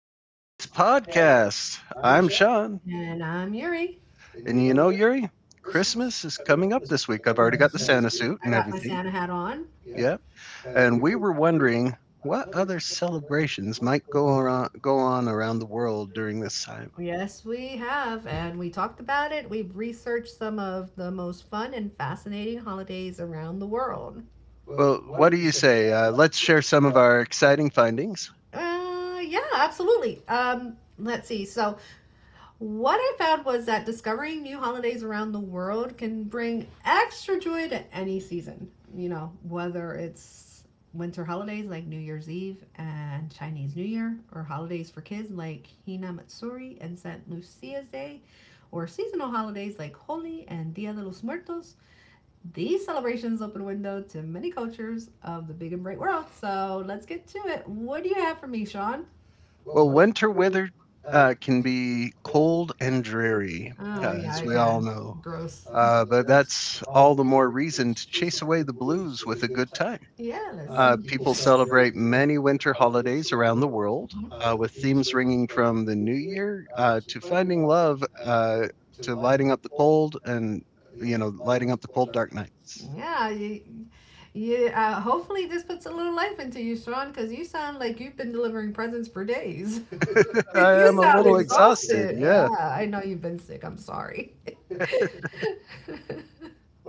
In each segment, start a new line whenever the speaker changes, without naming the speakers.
to today's podcast. I'm Sean.
And I'm Yuri.
And you know, Yuri, Christmas is coming up this week. I've already got the Santa suit and
I got my
everything.
Santa hat on.
Yeah. And we were wondering what other celebrations might go on around the world during this time.
Yes, we have. And we talked about it. We've researched some of the most fun and fascinating holidays around the world.
Well, what do you say? Let's share some of our exciting findings.
Yeah, absolutely. Let's see. What I found was that discovering new holidays around the world can bring extra joy to any season, whether it's winter holidays like New Year's Eve and Chinese New Year, or holidays for kids like Hina Matsuri and St. Lucia's Day, or seasonal holidays like Holi and Dia de los Muertos. These celebrations open a window to many cultures of the big and bright world. So let's get to it. What do you have for me, Sean?
Well, winter weather can be cold and dreary,
Oh, yeah,
as
I
we all
can.
know.
Gross.
But that's all the more reason to chase away the blues with a good time.
Yeah, let's.
People celebrate many winter holidays around the world
Mhm.
with themes ranging from the New Year to finding love to lighting up the cold and,
Uh,
you know, lighting up the cold, dark nights.
yeah, hopefully this puts a little life into you, Sean, because you sound like you've been delivering presents for days.
I am
You
a
sound
little
really
exhausted.
exhausted. Yeah,
Yeah.
yeah, I know you've been sick. I'm sorry.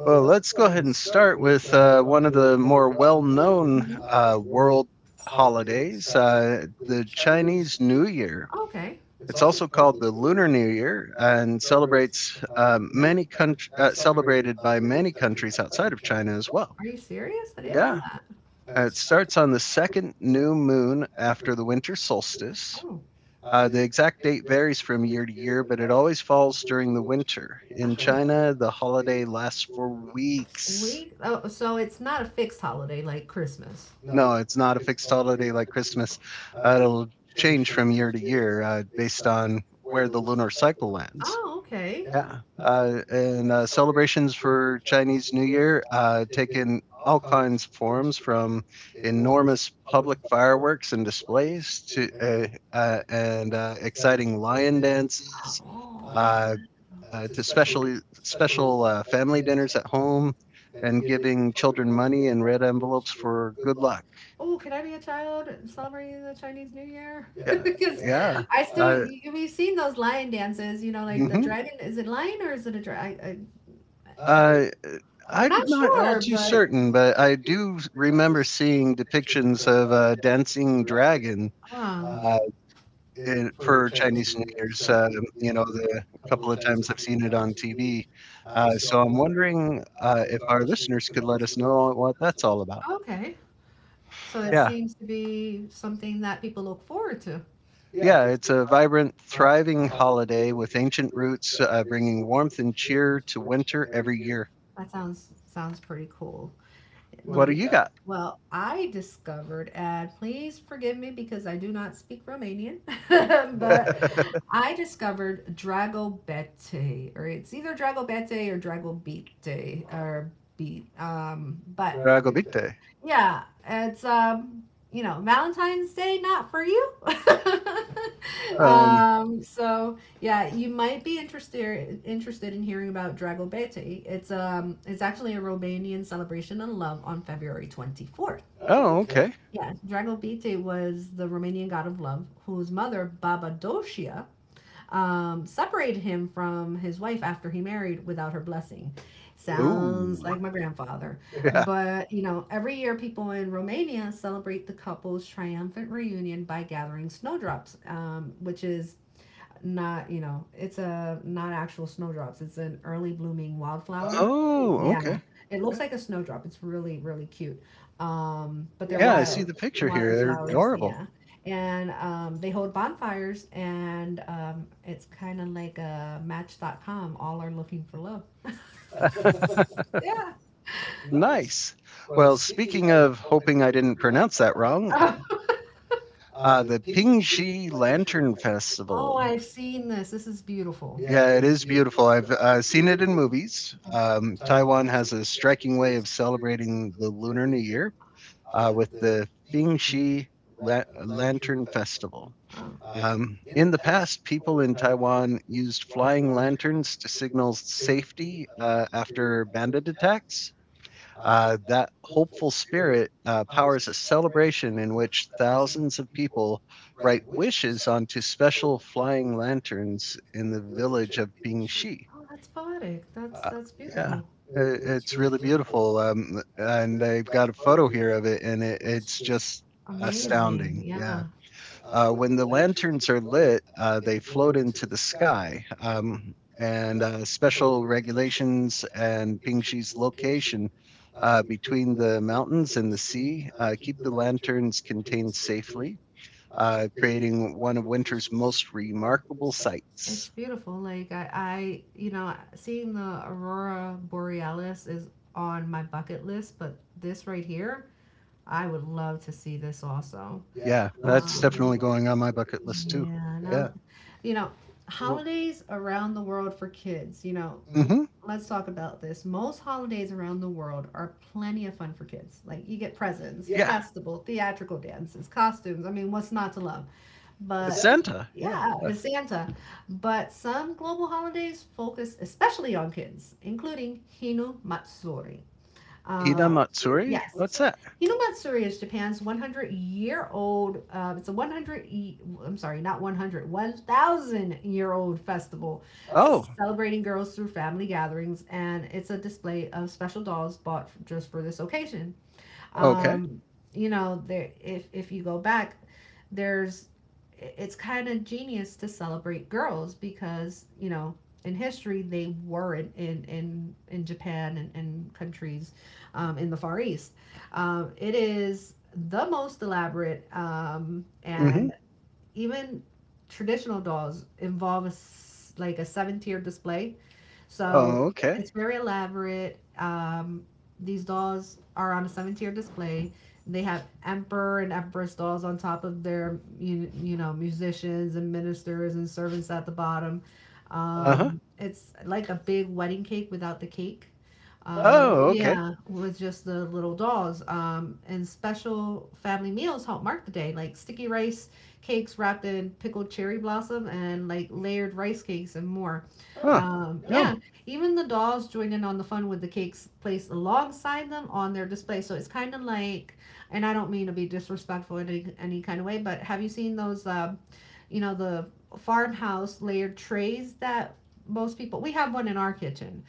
Well, let's go ahead and start with one of the more well known world holidays, the Chinese New Year.
Okay.
It's also called the Lunar New Year and celebrates celebrated by many countries outside of China as well.
Are you serious? Know
Yeah.
that.
It starts on the second new moon after the winter solstice.
Oh,
The exact date varies from year to year, but it always falls during the winter. In China, the holiday lasts for weeks.
we. Oh, so it's not a fixed holiday like Christmas.
No, it's not a fixed holiday like Christmas. It'll change from year to year based on where the lunar cycle lands.
Oh, okay.
Yeah, and celebrations for Chinese New Year, take in all kinds of forms from enormous public fireworks and displays to and exciting lion dances uh,
Oh,
to special family dinners at home and giving children money in red envelopes for good luck.
oh, can I be a child celebrating the Chinese New Year? Because
Yeah. Uh,
we've seen those lion dances, like the
mhm.
dragon. Is it lion or is it a dragon?
Uh, I'm not
Sure, but
certain, but I do remember seeing depictions of a dancing dragon uh,
um,
for Chinese New Year's. You know, the couple of times I've seen it on TV. So I'm wondering if our listeners could let us know what that's all about.
okay. So yeah, it, yeah,
Yeah.
seems to be something that people look forward to.
Yeah, it's a vibrant, thriving holiday with ancient roots, bringing warmth and cheer to winter every year.
That sounds pretty cool.
What do
do
you got?
Well, I discovered, and please forgive me because I do not speak Romanian, but I discovered Dragobete, or it's either Dragobete or Dragobite, or beat. But
Dragobite.
yeah, it's Valentine's Day not for you.
Uh,
So yeah, you might be interested in hearing about Dragobete. It's actually a Romanian celebration of love on February 24th.
oh, okay.
Yeah, Dragobete was the Romanian god of love whose mother Babadocia separated him from his wife after he married without her blessing. Sounds
Ooh.
like my grandfather.
Yeah.
But, every year people in Romania celebrate the couple's triumphant reunion by gathering snowdrops, which is not, it's a not actual snowdrops, it's an early blooming wildflower.
Oh,
Yeah, it looks like a snowdrop. It's really, really cute. But they're
yeah, I see
wild,
the picture
wild
here. They're
wildflowers.
adorable.
Yeah. And they hold bonfires, and it's kind of like a Match.com. All are looking for love. Yeah.
Nice. Well, speaking of hoping I didn't pronounce that wrong,
Oh,
the Pingxi Lantern
oh,
Festival.
I've seen this. This is beautiful.
Yeah, it is beautiful. I've seen it in movies. Taiwan has a striking way of celebrating the Lunar New Year with the Lantern Festival. In the past, people in Taiwan used flying lanterns to signal safety after bandit attacks. That hopeful spirit powers a celebration in which thousands of people write wishes onto special flying lanterns in the village of Bingxi.
Oh, that's poetic. That's
Uh,
that's
yeah,
beautiful.
it's really beautiful. And I've got a photo here of it, and it's just
Amazing.
astounding. Yeah.
Yeah.
When the lanterns are lit, they float into the sky. And Special regulations and Pingshi's location between the mountains and the sea keep the lanterns contained safely, creating one of winter's most remarkable
It's
sights.
beautiful. Like, seeing the aurora borealis is on my bucket list, but this right here, I would love to see this also.
Yeah,
Um,
that's definitely going on my bucket list too.
yeah,
Yeah.
now, yeah, holidays around the world for kids,
Hmm.
let's talk about this. Most holidays around the world are plenty of fun for kids. Like, you get presents,
Yeah.
festival, theatrical dances, costumes. I mean, what's not to love? But
Santa.
yeah, it's Santa. But some global holidays focus especially on kids, including Hinu Matsuri.
Hina
Uh,
Matsuri?
yes.
What's that?
Hinamatsuri is Japan's 100 year old, it's a 100, I'm sorry, not 100, 1,000 year old festival
Oh,
celebrating girls through family gatherings, and it's a display of special dolls bought just for this occasion.
okay.
Um, okay. There, if you go back, there's it's kind of genius to celebrate girls, because in history they were in Japan and countries, in the Far East, it is the most elaborate, and
Hmm.
mm-hmm. Even traditional dolls involve like a seven tier display. Oh,
Oh,
so okay.
okay.
It's very elaborate. These dolls are on a seven tier display. They have emperor and empress dolls on top of their, musicians and ministers and servants at the bottom. Uh-huh.
Uh huh.
It's like a big wedding cake without the cake. Oh,
Oh,
okay.
okay.
Yeah, with just the little dolls. And special family meals help mark the day, like sticky rice cakes wrapped in pickled cherry blossom and like layered rice cakes and more. Huh.
Huh,
Yeah,
yum.
yeah. Even the dolls join in on the fun with the cakes placed alongside them on their display. So it's kind of like, and I don't mean to be disrespectful in any kind of way, but have you seen those, the farmhouse layered trays that most people, we have one in our kitchen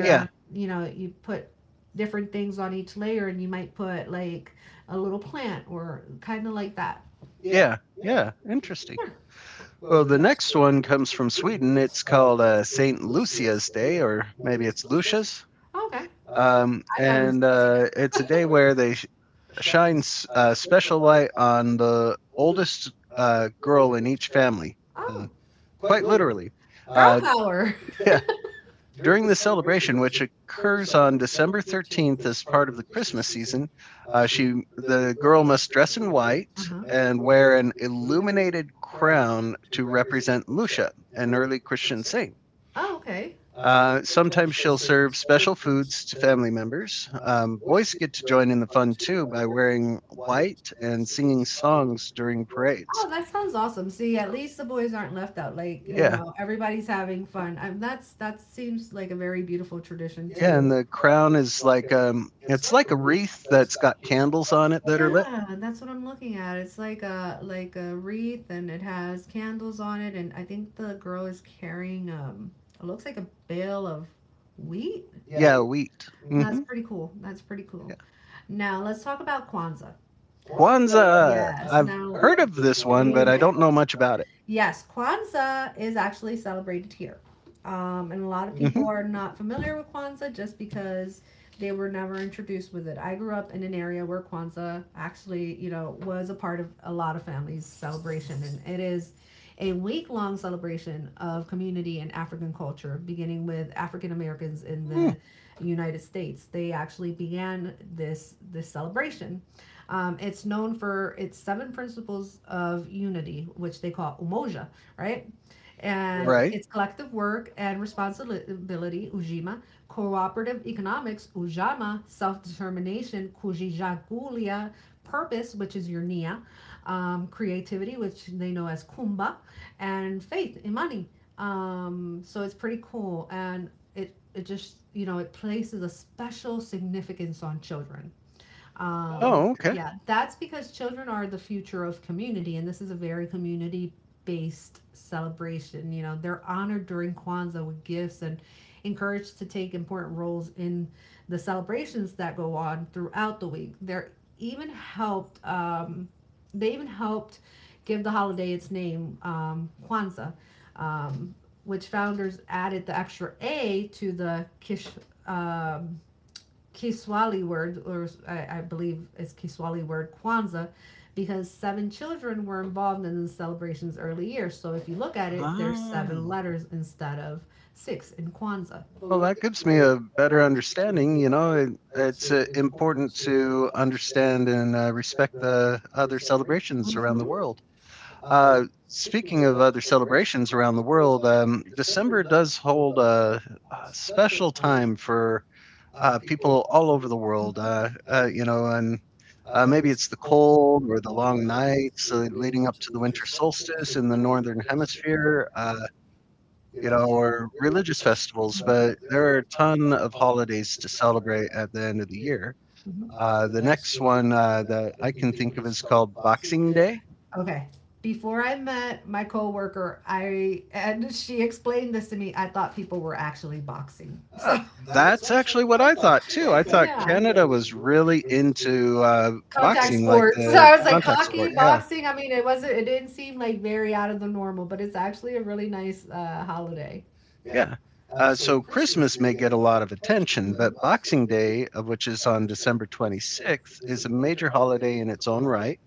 Yeah,
yeah. You put different things on each layer and you might put like a little plant or kind of like that.
yeah, interesting. Well, the next one comes from Sweden. It's called St. Lucia's Day, or maybe it's Lucia's.
Okay. Thought it was,
And It's a day where they shine special light on the oldest girl in each family,
oh,
quite literally.
oh, girl
Uh,
power.
yeah, During the celebration, which occurs on December 13th as part of the Christmas season, she the girl must dress in white
Uh-huh.
and wear an illuminated crown to represent Musha, an early Christian saint.
Oh, okay.
Sometimes she'll serve special foods to family members. Boys get to join in the fun too by wearing white and singing songs during parades.
Oh, that sounds awesome. See, at least the boys aren't left out. Like,
Yeah,
everybody's having fun. That seems like a very beautiful tradition
yeah, and
too.
the crown is like it's like a wreath that's got candles on it that are lit.
Yeah, that's what I'm looking at. It's like a wreath and it has candles on it, and I think the girl is carrying it looks like a bale of wheat.
Yeah, wheat.
Mm-hmm. That's
Mhm.
pretty cool. That's pretty cool. Now let's talk about Kwanzaa.
Kwanzaa.
Yes.
I've
Now,
heard of this one,
we
but I don't know much
it.
about it.
Yes, Kwanzaa is actually celebrated here, and a lot of people are not familiar with Kwanzaa just because they were never introduced with it. I grew up in an area where Kwanzaa actually, was a part of a lot of families' celebration, and it is a week long celebration of community and African culture, beginning with African Americans in
Hmm,
the United States. They actually began this celebration. It's known for its seven principles of unity, which they call umoja, right? And
right.
it's collective work and responsibility, ujima, cooperative economics, ujama, self-determination, kujijagulia, purpose, which is your Nia, creativity, which they know as kumba, and faith, imani. So it's pretty cool. And it just, it places a special significance on children. Oh. Okay.
Oh, okay.
Yeah, that's because children are the future of community, and this is a very community based celebration. They're honored during Kwanzaa with gifts and encouraged to take important roles in the celebrations that go on throughout the week. Even helped, um, they even helped give the holiday its name, Kwanzaa, um, which founders added the extra A to the Kish. Um, Kiswahili word, or I believe it's Kiswahili word Kwanzaa, because seven children were involved in the celebration's early years. So if you look at it, there's seven
Oh,
letters instead of six in Kwanzaa.
well, that gives me a better understanding. You know, it's important to understand and respect the other celebrations
Mm-hmm.
around
Hmm.
the world. Speaking of other celebrations around the world, December does hold a special time for people all over the
Hmm.
world. You know, and Maybe it's the cold or the long nights leading up to the winter solstice in the northern hemisphere, you know, or religious festivals. But there are a ton of holidays to celebrate at the end of the year. The next one that I can think of is called Boxing Day.
Okay. Before I met my coworker, I and she explained this to me. I thought people were actually boxing. So,
Uh, that's actually what I thought too. I thought
Yeah,
Canada was really into
contact
boxing, like
sports. So
the—
I was like hockey, boxing. I mean, it wasn't. It didn't seem like very out of the normal, but it's actually a really nice holiday.
Yeah. So Christmas may get a lot of attention,
Hmm.
but Boxing Day, which is on December 26th, is a major holiday in its own right.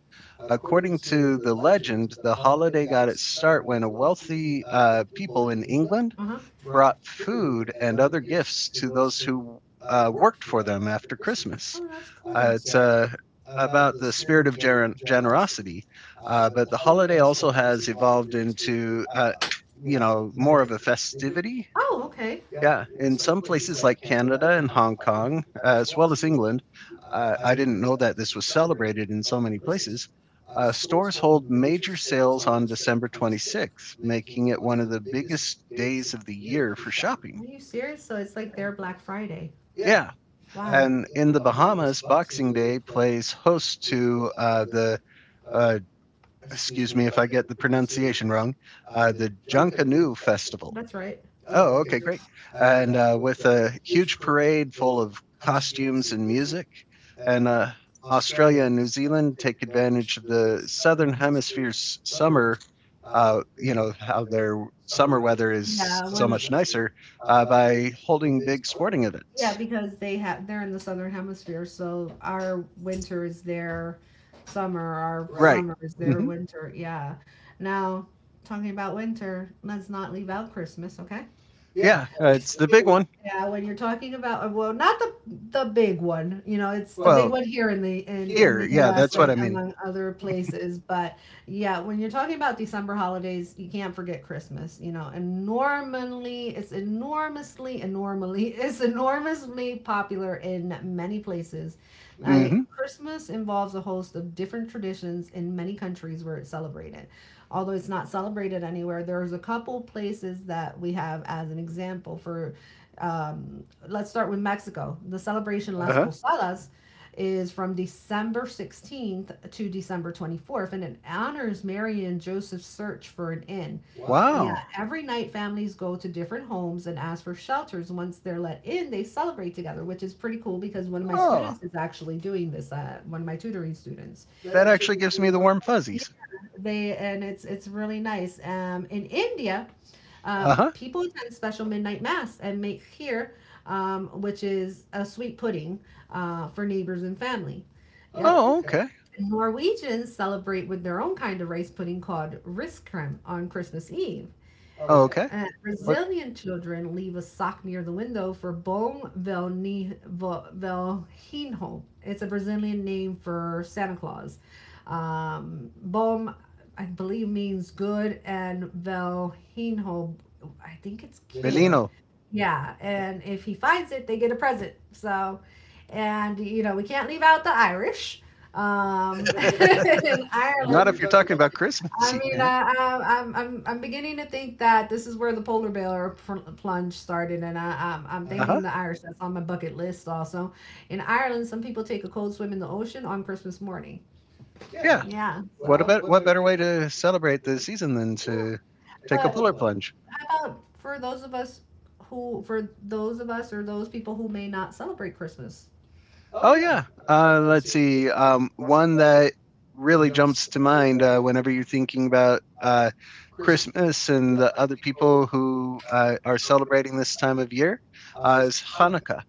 According to the legend, the holiday got its start when a wealthy people in England
Uh huh.
brought food and other gifts to those who worked for them after Christmas.
Oh, that's
Uh, it's uh,
Cool.
about the spirit of generosity, but the holiday also has evolved into you know, more of a festivity,
Oh, okay.
yeah, in some places like Canada and Hong Kong, as well as England. I didn't know that this was celebrated in so many places. Stores hold major sales on December 26th, making it one of the biggest days of the year for shopping.
Are you serious? So it's like their Black Friday.
Yeah,
Wow.
and in the Bahamas, Boxing Day plays host to uh, excuse me if I get the pronunciation wrong, the Junkanoo Festival.
That's right.
Oh, okay, great. And with a huge parade full of costumes and music, and Australia and New Zealand take advantage of the southern hemisphere's summer. You know how their summer weather is
Yeah,
so much nicer by holding big sporting
yeah,
events.
because they're in the southern hemisphere, so our winter is their summer, our
Right?
summer is their, mhm, winter. Yeah. Now, talking about winter, let's not leave out Christmas, okay?
Yeah, it's the big one.
Yeah, when you're talking about well, not the big one, it's the big,
Well,
One here in the in here,
here,
the yeah, U
yeah,
S, that's U.S.,
that's
and
what I
right.
mean.
Among other places, but yeah, when you're talking about December holidays, you can't forget Christmas, and normally it's enormously it's enormously popular in many places. I hmm
Mm-hmm.
Christmas involves a host of different traditions in many countries where it's celebrated. Although it's not celebrated anywhere, there's a couple places that we have as an example for. Let's start with Mexico. The celebration
Uh
Las
huh.
Posadas is from December 16th to December 24th, and it honors Mary and Joseph's search for an inn. Yeah,
Wow.
every night families go to different homes and ask for shelters. Once they're let in, they celebrate together, which is pretty cool because one of my
Oh,
students is actually doing this. One of my tutoring students.
that actually gives me the warm
Yeah,
fuzzies.
they and it's really nice. In India,
Uh
uh,
huh.
people attend special midnight mass and make here, which is a sweet pudding for neighbors and family.
Oh,
Yep.
okay.
Norwegians celebrate with their own kind of rice pudding called riskrem on Christmas Eve.
Okay.
Brazilian children leave a sock near the window for Bom Velhinho. It's a Brazilian name for Santa Claus. Bom, I believe, means good, and Velhinho, I think it's kid.
Belino.
Yeah, and if he finds it, they get a present. So, and we can't leave out the Irish. In
Not if
Ireland,
you're talking about Christmas.
I mean, I'm beginning to think that this is where the polar bear plunge started, and I'm
Uh huh.
thinking the Irish. That's on my bucket list also. In Ireland, some people take a cold swim in the ocean on Christmas morning.
Yeah.
Yeah,
What about— what
so.
better way to celebrate the season than to take a
Take
polar
But
plunge?
for those of us for those of us or those people who may not celebrate Christmas.
Oh yeah. Let's see. One that really jumps to mind whenever you're thinking about Christmas and the other people who are celebrating this time of year is Hanukkah.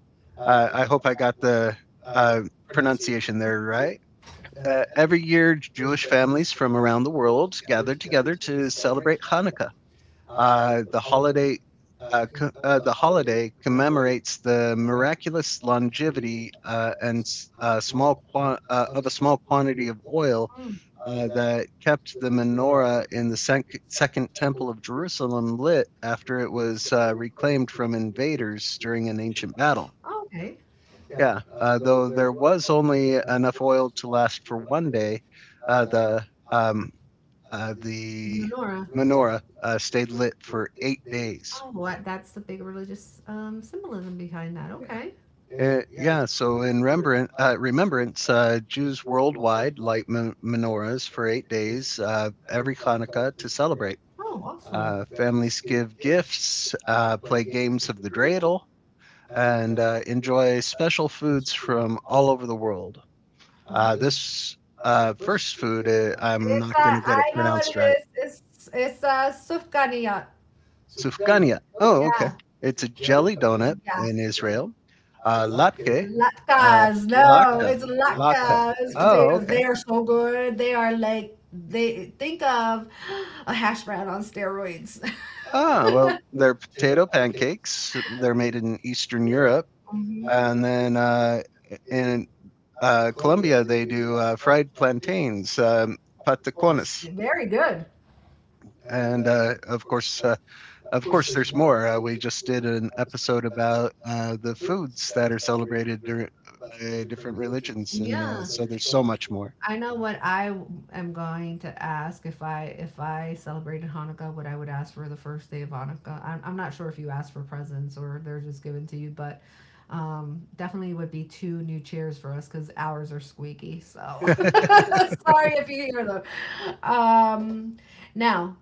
I hope I got the uh, pronunciation there right. Every year, Jewish families from around the world gather together to celebrate Hanukkah. Uh, the holiday the holiday commemorates the miraculous longevity and s- small qua- of a small quantity of oil
Mm.
that kept the menorah in the second temple of Jerusalem lit after it was reclaimed from invaders during an ancient battle.
Okay.
Yeah, though there was only enough oil to last for one day, uh, the um, the
Menorah.
menorah stayed lit for 8 days.
Oh, that's the big religious symbolism behind that.
Yeah.
Okay.
Yeah, so in remembrance, Jews worldwide light menorahs for 8 days every Hanukkah to celebrate.
Oh, awesome.
Families give gifts, play games of the dreidel, and enjoy special foods from all over the world. This First food, I'm
It's
not going to
I know what
pronounce
it is. It's sufganiyat.
sufganiyat. Oh, okay.
Yeah,
It's a jelly donut
yeah.
in Israel. Latke.
Latkes. No, Latke. It's
Lak-
latkes. Oh, potatoes.
oh,
Okay. They are so good. They are like they think of a hash brown on steroids.
Ah, well, they're potato pancakes. They're made in Eastern Europe,
hmm
and then
uh,
in Colombia they do fried plantains, patacones,
Very good.
and of course, of course, there's more. We just did an episode about the foods that are celebrated by different religions, and
Yeah.
so there's so much more.
I know what I w- am going to ask if I celebrated Hanukkah, what I would ask for the first day of Hanukkah. I'm not sure if you ask for presents or they're just given to you, but definitely would be two new chairs for us because ours are squeaky. So sorry if you hear them. Um, now,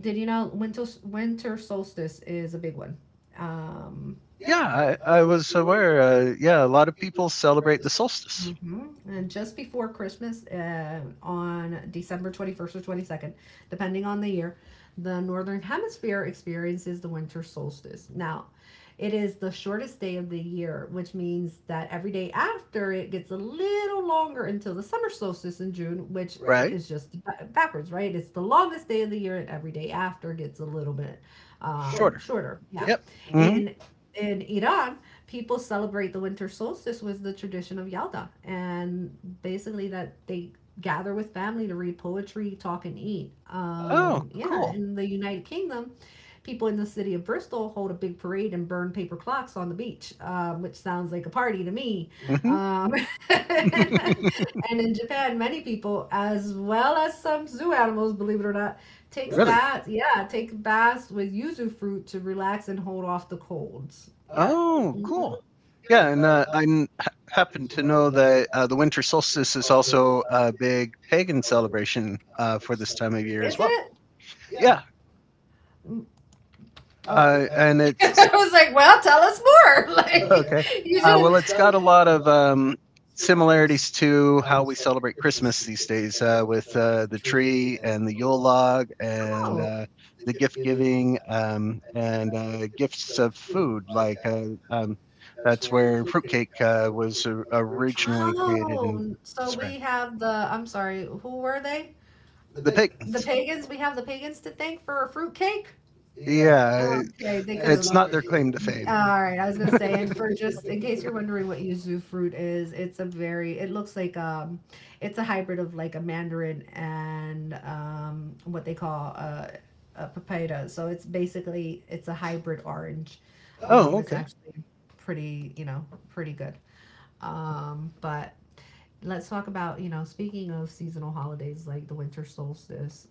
did you know winter solstice is a big one? Um,
Yeah, I was aware. Yeah, a lot of people celebrate the solstice,
And just before Christmas, on December 21st or 22nd, depending on the year, the Northern Hemisphere experiences the winter solstice. Now, it is the shortest day of the year, which means that every day after it gets a little longer until the summer solstice in June, which
right?
is just backwards, right? It's the longest day of the year, and every day after gets a little bit Sure.
Shorter.
Shorter. Yeah.
Yep.
mm
Hmm.
In in Iran, people celebrate the winter solstice with the tradition of Yalda, and basically that they gather with family to read poetry, talk, and eat.
Oh,
Yeah,
cool.
cool. In the United Kingdom, people in the city of Bristol hold a big parade and burn paper clocks on the beach, which sounds like a party to me.
Hmm.
Um, and in Japan, many people, as well as some zoo animals, believe it or not,
Really?
take baths with yuzu fruit to relax and hold off the colds. Yep.
Oh, cool. Yeah, and, I n- ha happen to know that, the winter solstice is also a big pagan celebration, for this time of year as
Is
well.
it?
Yeah,
Oh.
and it's
I was like, well, tell us more. Like,
okay.
you
Well,
just.
it's got a lot of, similarities to how we celebrate Christmas these days, with the tree and the Yule log and,
Oh.
the gift giving, and gifts of food, like, that's where fruitcake, was o
and
originally—
Oh, so we have the. I'm sorry. Who were they?
the pick.
The pagans, we have the pagans to thank for a fruitcake?
Yeah,
Oh, okay, they could have.
it's not their claim to fame.
All right, I was gonna say, and for just in case you're wondering what yuzu fruit is, it's a very, it looks like it's a hybrid of like a mandarin and what they call a papaya. So it's basically it's a hybrid orange.
Oh,
Okay. it's okay.
okay.
Actually pretty, you know, pretty good. But Let's talk about speaking of seasonal holidays like the winter solstice.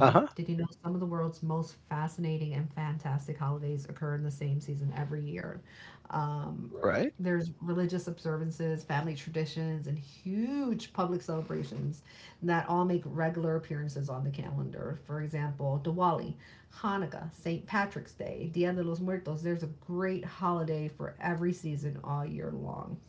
Uh huh.
Did you know some of the world's most fascinating and fantastic holidays occur in the same season every year? um,
Right.
there's religious observances, family traditions, and huge public celebrations that all make regular appearances on the calendar. For example, Diwali, Hanukkah, St. Patrick's Day, Dia de los Muertos. There's a great holiday for every season all year long.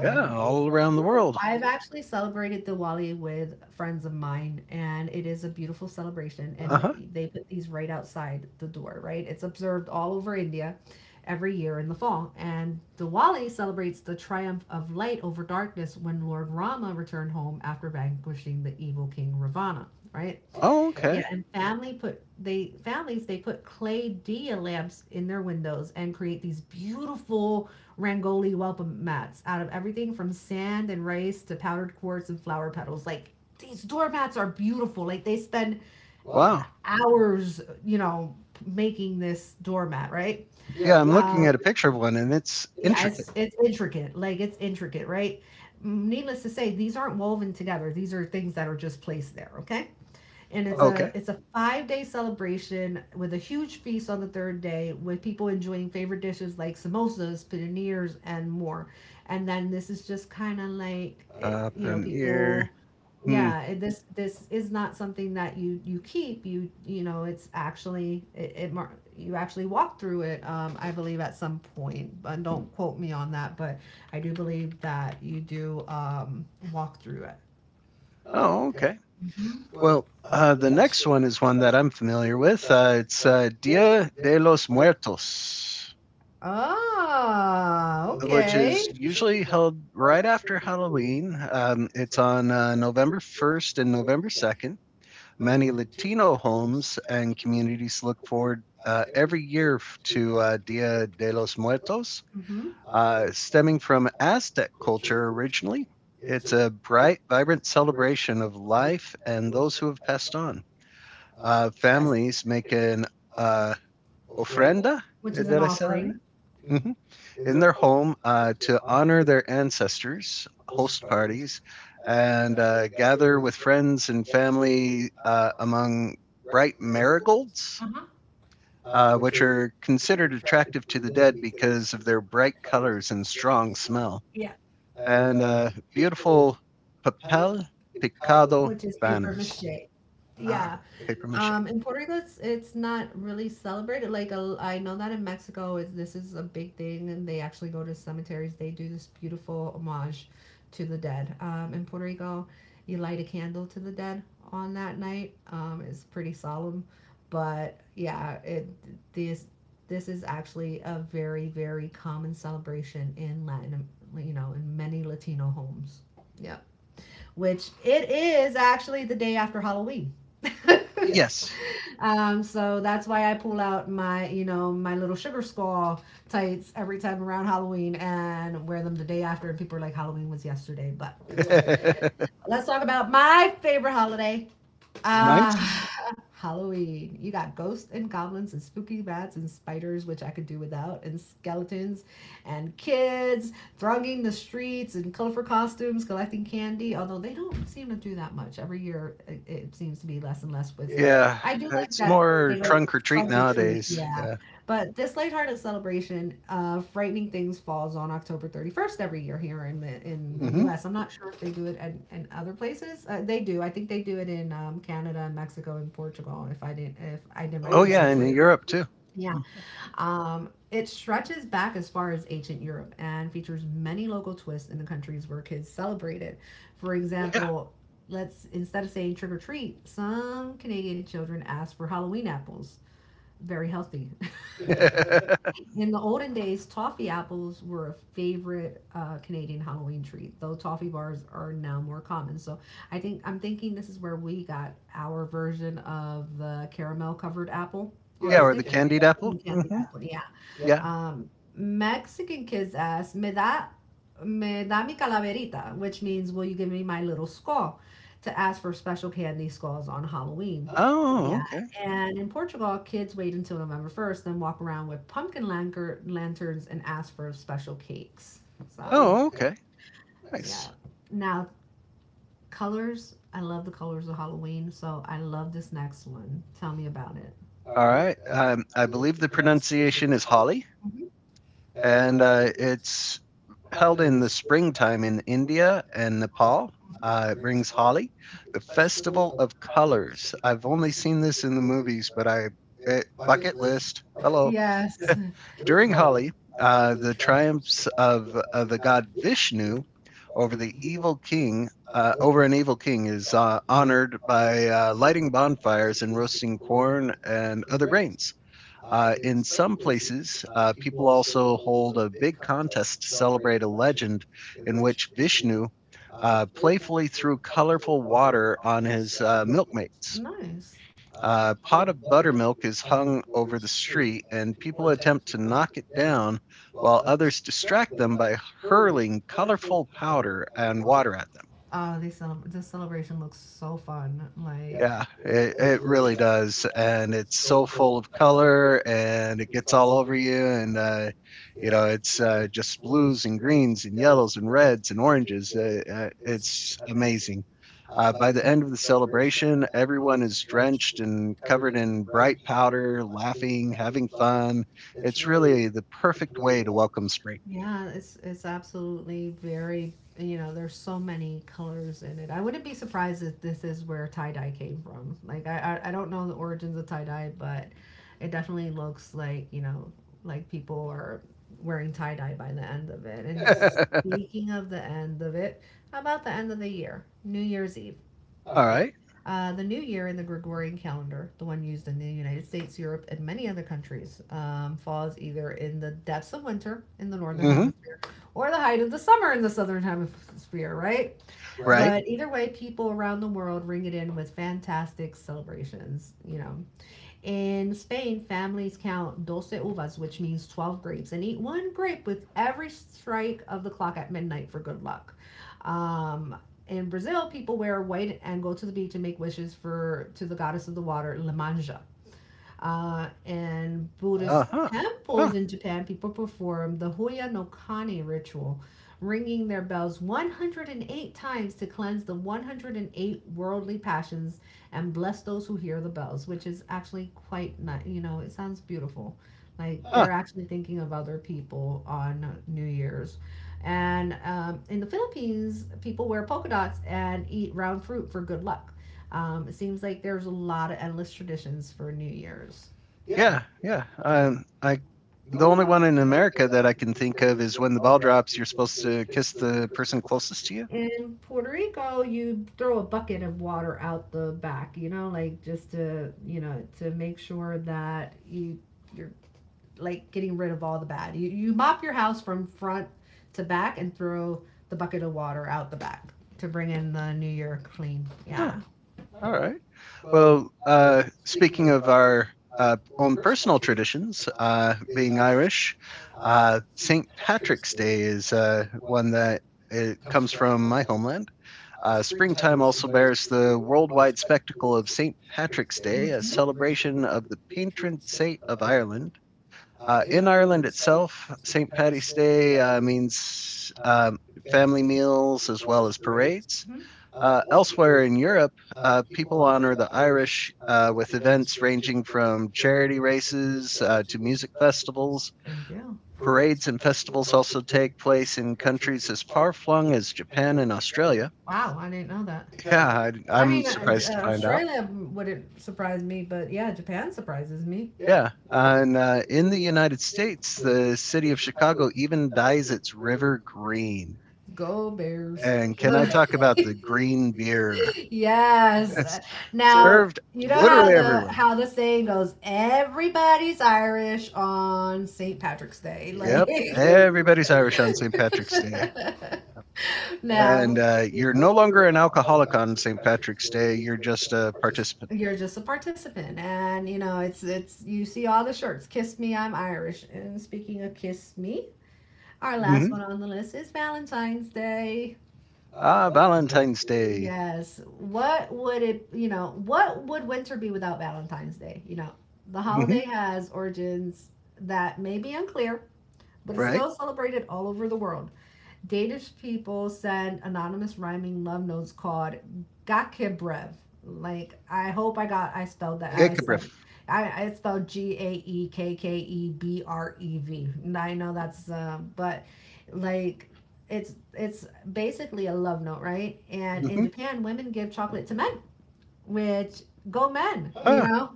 Yeah, all around the world.
I've actually celebrated Diwali with friends of mine, and it is a beautiful celebration.
Uh huh.
And they put these right outside the door, right? It's observed all over India every year in the fall. And Diwali celebrates the triumph of light over darkness when Lord Rama returned home after vanquishing the evil king Ravana, right?
Oh,
Yeah,
okay.
and family put they families they put clay dia lamps in their windows and create these beautiful Rangoli welcome mats out of everything from sand and rice to powdered quartz and flower petals. Like these doormats are beautiful. Like they spend
Wow.
hours, you know, making this doormat, right?
Yeah, I'm looking
Um,
at a picture of one and it's
yeah,
intricate.
it's intricate. Like it's intricate, right? Needless to say, these aren't woven together. These are things that are just placed there, okay? and it's okay.
Okay.
a It's a 5 day celebration with a huge feast on the third day with people enjoying favorite dishes like samosas, paninis, and more. And then this is just kind of like it,
Up
You know,
and here.
people.
Hmm.
Yeah, yeah, this is not something that you keep. You know it's actually you actually walk through it. I believe at some point, but don't quote me on that. But I do believe that you do walk through it.
Oh, okay. Well, the next one is one that I'm familiar with. It's Dia de los Muertos,
Ah,
of which is
okay.
usually held right after Halloween. It's on November 1st and November 2nd. Many Latino homes and communities look forward every year to Dia de los Muertos,
Hmm.
stemming from Aztec culture originally. It's a bright, vibrant celebration of life and those who have passed on. Families make an uh, ofrenda. Did I say that
Offering.
right? In their home to honor their ancestors, host parties, and gather with friends and family among bright marigolds,
Uh-huh.
which are considered attractive to the dead because of their bright colors and strong smell,
Yeah.
and beautiful papel picado
Which is paper
banners.
mache. Yeah.
Permission.
In Puerto Rico, it's not really celebrated. Like a, I know that in Mexico, is this is a big thing, and they actually go to cemeteries. They do this beautiful homage to the dead. In Puerto Rico, you light a candle to the dead on that night. It's pretty solemn, but yeah, it this this is actually a very common celebration in Latin, you know, in many Latino homes. Yeah, which it is actually the day after Halloween.
Yes.
So that's why I pull out my, you know, my little sugar skull tights every time around Halloween and wear them the day after. And people are like, Halloween was yesterday. But let's talk about my favorite holiday,
Mine
Uh,
too.
Halloween. You got ghosts and goblins and spooky bats and spiders, which I could do without, and skeletons and kids thronging the streets in colorful costumes, collecting candy. Although they don't seem to do that much every year, it seems to be less and less. With
Yeah,
I do like
it's
that they
more
don't
trunk or treat
trunk or treat.
nowadays.
Yeah, but this lighthearted celebration of frightening things falls on October 31st every year here in the U,
Hmm.
am not sure if they do it in other places. They do. I think they do it in Canada and Mexico and Portugal. If I did my
Oh, yeah,
research
and in
right.
Europe too.
Yeah. It stretches back as far as ancient Europe and features many local twists in the countries where kids celebrate it. For
Yeah.
example, yeah, let's instead of saying trick or treat, some Canadian children ask for Halloween apples. Very healthy. In the olden days, toffee apples were a favorite Canadian Halloween treat, though toffee bars are now more common. So I'm thinking this is where we got our version of the caramel covered apple.
Yeah,
On
or the
stick.
candied
Apple.
apple.
Candy
Hmm.
apple, yeah.
Yeah.
Mexican kids ask, me da mi calaverita, which means, will you give me my little skull, to ask for special candy skulls on Halloween?
Oh,
Yeah,
okay.
and in Portugal, kids wait until November 1st, then walk around with pumpkin lanterns and ask for special cakes. So,
Oh, okay.
yeah.
Nice.
Now, colors. I love the colors of Halloween, so I love this next one. Tell me about it.
All right. I believe the pronunciation is holly,
Mhm.
and it's held in the springtime in India and Nepal. It brings holly, the festival of colors. I've only seen this in the movies, but bucket list. Hello.
Yes.
During Holi, the triumphs of the god Vishnu over the evil king, over an evil king, is honored by lighting bonfires and roasting corn and other grains. In some places, people also hold a big contest to celebrate a legend in which Vishnu playfully threw colorful water on his milkmates.
Nice.
A pot of buttermilk is hung over the street, and people attempt to knock it down while others distract them by hurling colorful powder and water at them.
Oh, this celebration looks so fun. Like,
Yeah, it really does, and it's so full of color, and it gets all over you, and you know it's just blues and greens and yellows and reds and oranges. It's amazing. By the end of the celebration, everyone is drenched and covered in bright powder, laughing, having fun. It's really the perfect way to welcome spring.
yeah, it's absolutely very, you know, there's so many colors in it. I wouldn't be surprised if this is where tie-dye came from. Like, I don't know the origins of tie-dye, but it definitely looks like, you know, like people are wearing tie-dye by the end of it. And speaking of the end of it, how about the end of the year? New Year's Eve.
All right.
The new year in the Gregorian calendar, the one used in the United States, Europe, and many other countries, falls either in the depths of winter in the northern
Mm-hmm.
hemisphere or the height of the summer in the southern hemisphere, right?
Right.
But either way, people around the world ring it in with fantastic celebrations. You know, in Spain, families count doce uvas, which means 12 grapes, and eat one grape with every strike of the clock at midnight for good luck. Um, in Brazil, people wear white and go to the beach and make wishes for to the goddess of the water, Lemanja, and
Uh
Buddhist
huh.
temples in Japan, people perform the Hoya no Kane ritual, ringing their bells 108 times to cleanse the 108 worldly passions and bless those who hear the bells, which is actually quite nice. You know, it sounds beautiful. Like
Uh.
they're actually thinking of other people on New Year's. And in the Philippines, people wear polka dots and eat round fruit for good luck. It seems like there's a lot of endless traditions for New Year's.
Yeah, yeah. I the only one in America that I can think of is when the ball drops, you're supposed to kiss the person closest to you.
In Puerto Rico, you throw a bucket of water out the back, you know, like just to, you know, to make sure that you're like getting rid of all the bad. You mop your house from front to back and throw the bucket of water out the back to bring in the new year clean.
Huh,
Yeah.
all right. Well, speaking of our own personal traditions, being Irish, St. Patrick's Day is one that it comes from my homeland. Springtime also bears the worldwide spectacle of St. Patrick's
Mm-hmm.
Day, a
Mhm.
celebration of the patron saint of Ireland. In Ireland itself, St. Patty's Day means family meals as well as parades.
Mm-hmm.
Elsewhere in Europe, people honor the Irish with events ranging from charity races to music festivals.
There you go.
Parades and festivals also take place in countries as far flung as Japan and Australia.
Wow, I didn't know that.
Yeah,
I i
I'm
mean, uh,
surprised to find out.
Australia wouldn't surprise me, but yeah, Japan surprises me.
Yeah, and in the United States, the city of Chicago even dyes its river green.
Go Bears.
And can I talk about the green beer?
Yes. Now, sure,
Served
you know
literally everywhere.
how the saying goes, everybody's Irish on St. Patrick's Day.
Yep.
Like
Everybody's Irish on St. Patrick. And
Now
you're no longer an alcoholic on St. Patrick's Day. You're just a participant.
you're just a participant, and you know it's you see all the shirts. Kiss me, I'm Irish. And speaking of kiss me, our last
Mm-hmm.
one on the list is Valentine's Day.
Ah, Valentine's Day,
Yes. What would it, you know, what would winter be without Valentine's Day? You know, the Mhm. holiday has origins that may be unclear, but it's
right?
still celebrated all over the world. Danish people send anonymous rhyming love notes called Gakebrev. Like I hope I got I spelled that I said I spelled Gaekkebrev. And I know that's but like it's basically a love note, right? And in
Mm-hmm.
Japan, women give chocolate to men which go men, you
Huh.
know?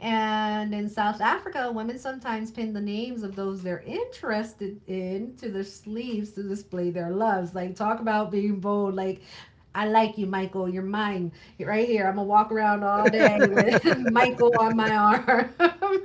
And in South Africa, women sometimes pin the names of those they're interested in to their sleeves to display their loves. Like, talk about being bold. Like, I like you, Michael. You're mine. Right here. I'm going to walk around all day with Michael on my arm.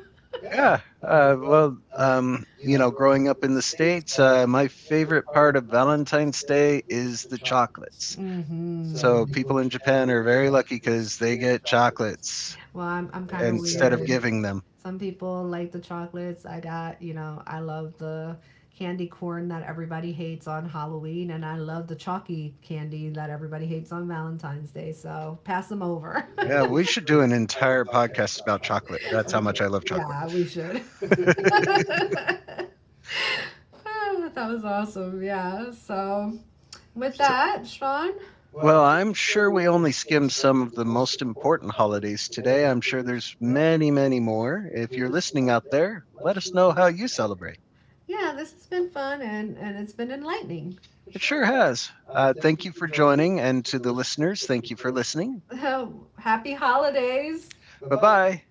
Yeah. Well, you know, growing up in the States, my favorite part of Valentine's Day is the chocolates.
Mm-hmm.
So people in Japan are very lucky because they get chocolates
Well, I'm
instead of giving them.
Some people like the chocolates. I got, you know, I love the candy corn that everybody hates on Halloween, and I love the chalky candy that everybody hates on Valentine's Day. So pass them over.
Yeah, we should do an entire podcast about chocolate. That's how much I love chocolate.
We should. Ah, that was awesome. Yeah. So with that, Sean,
Well, I'm sure we only skimmed some of the most important holidays today. I'm sure there's many, many more. If you're listening out there, let us know how you celebrate.
yeah, this has been fun and it's been enlightening.
It sure has. Thank you for joining. And to the listeners, thank you for listening.
Oh, happy holidays.
Bye bye.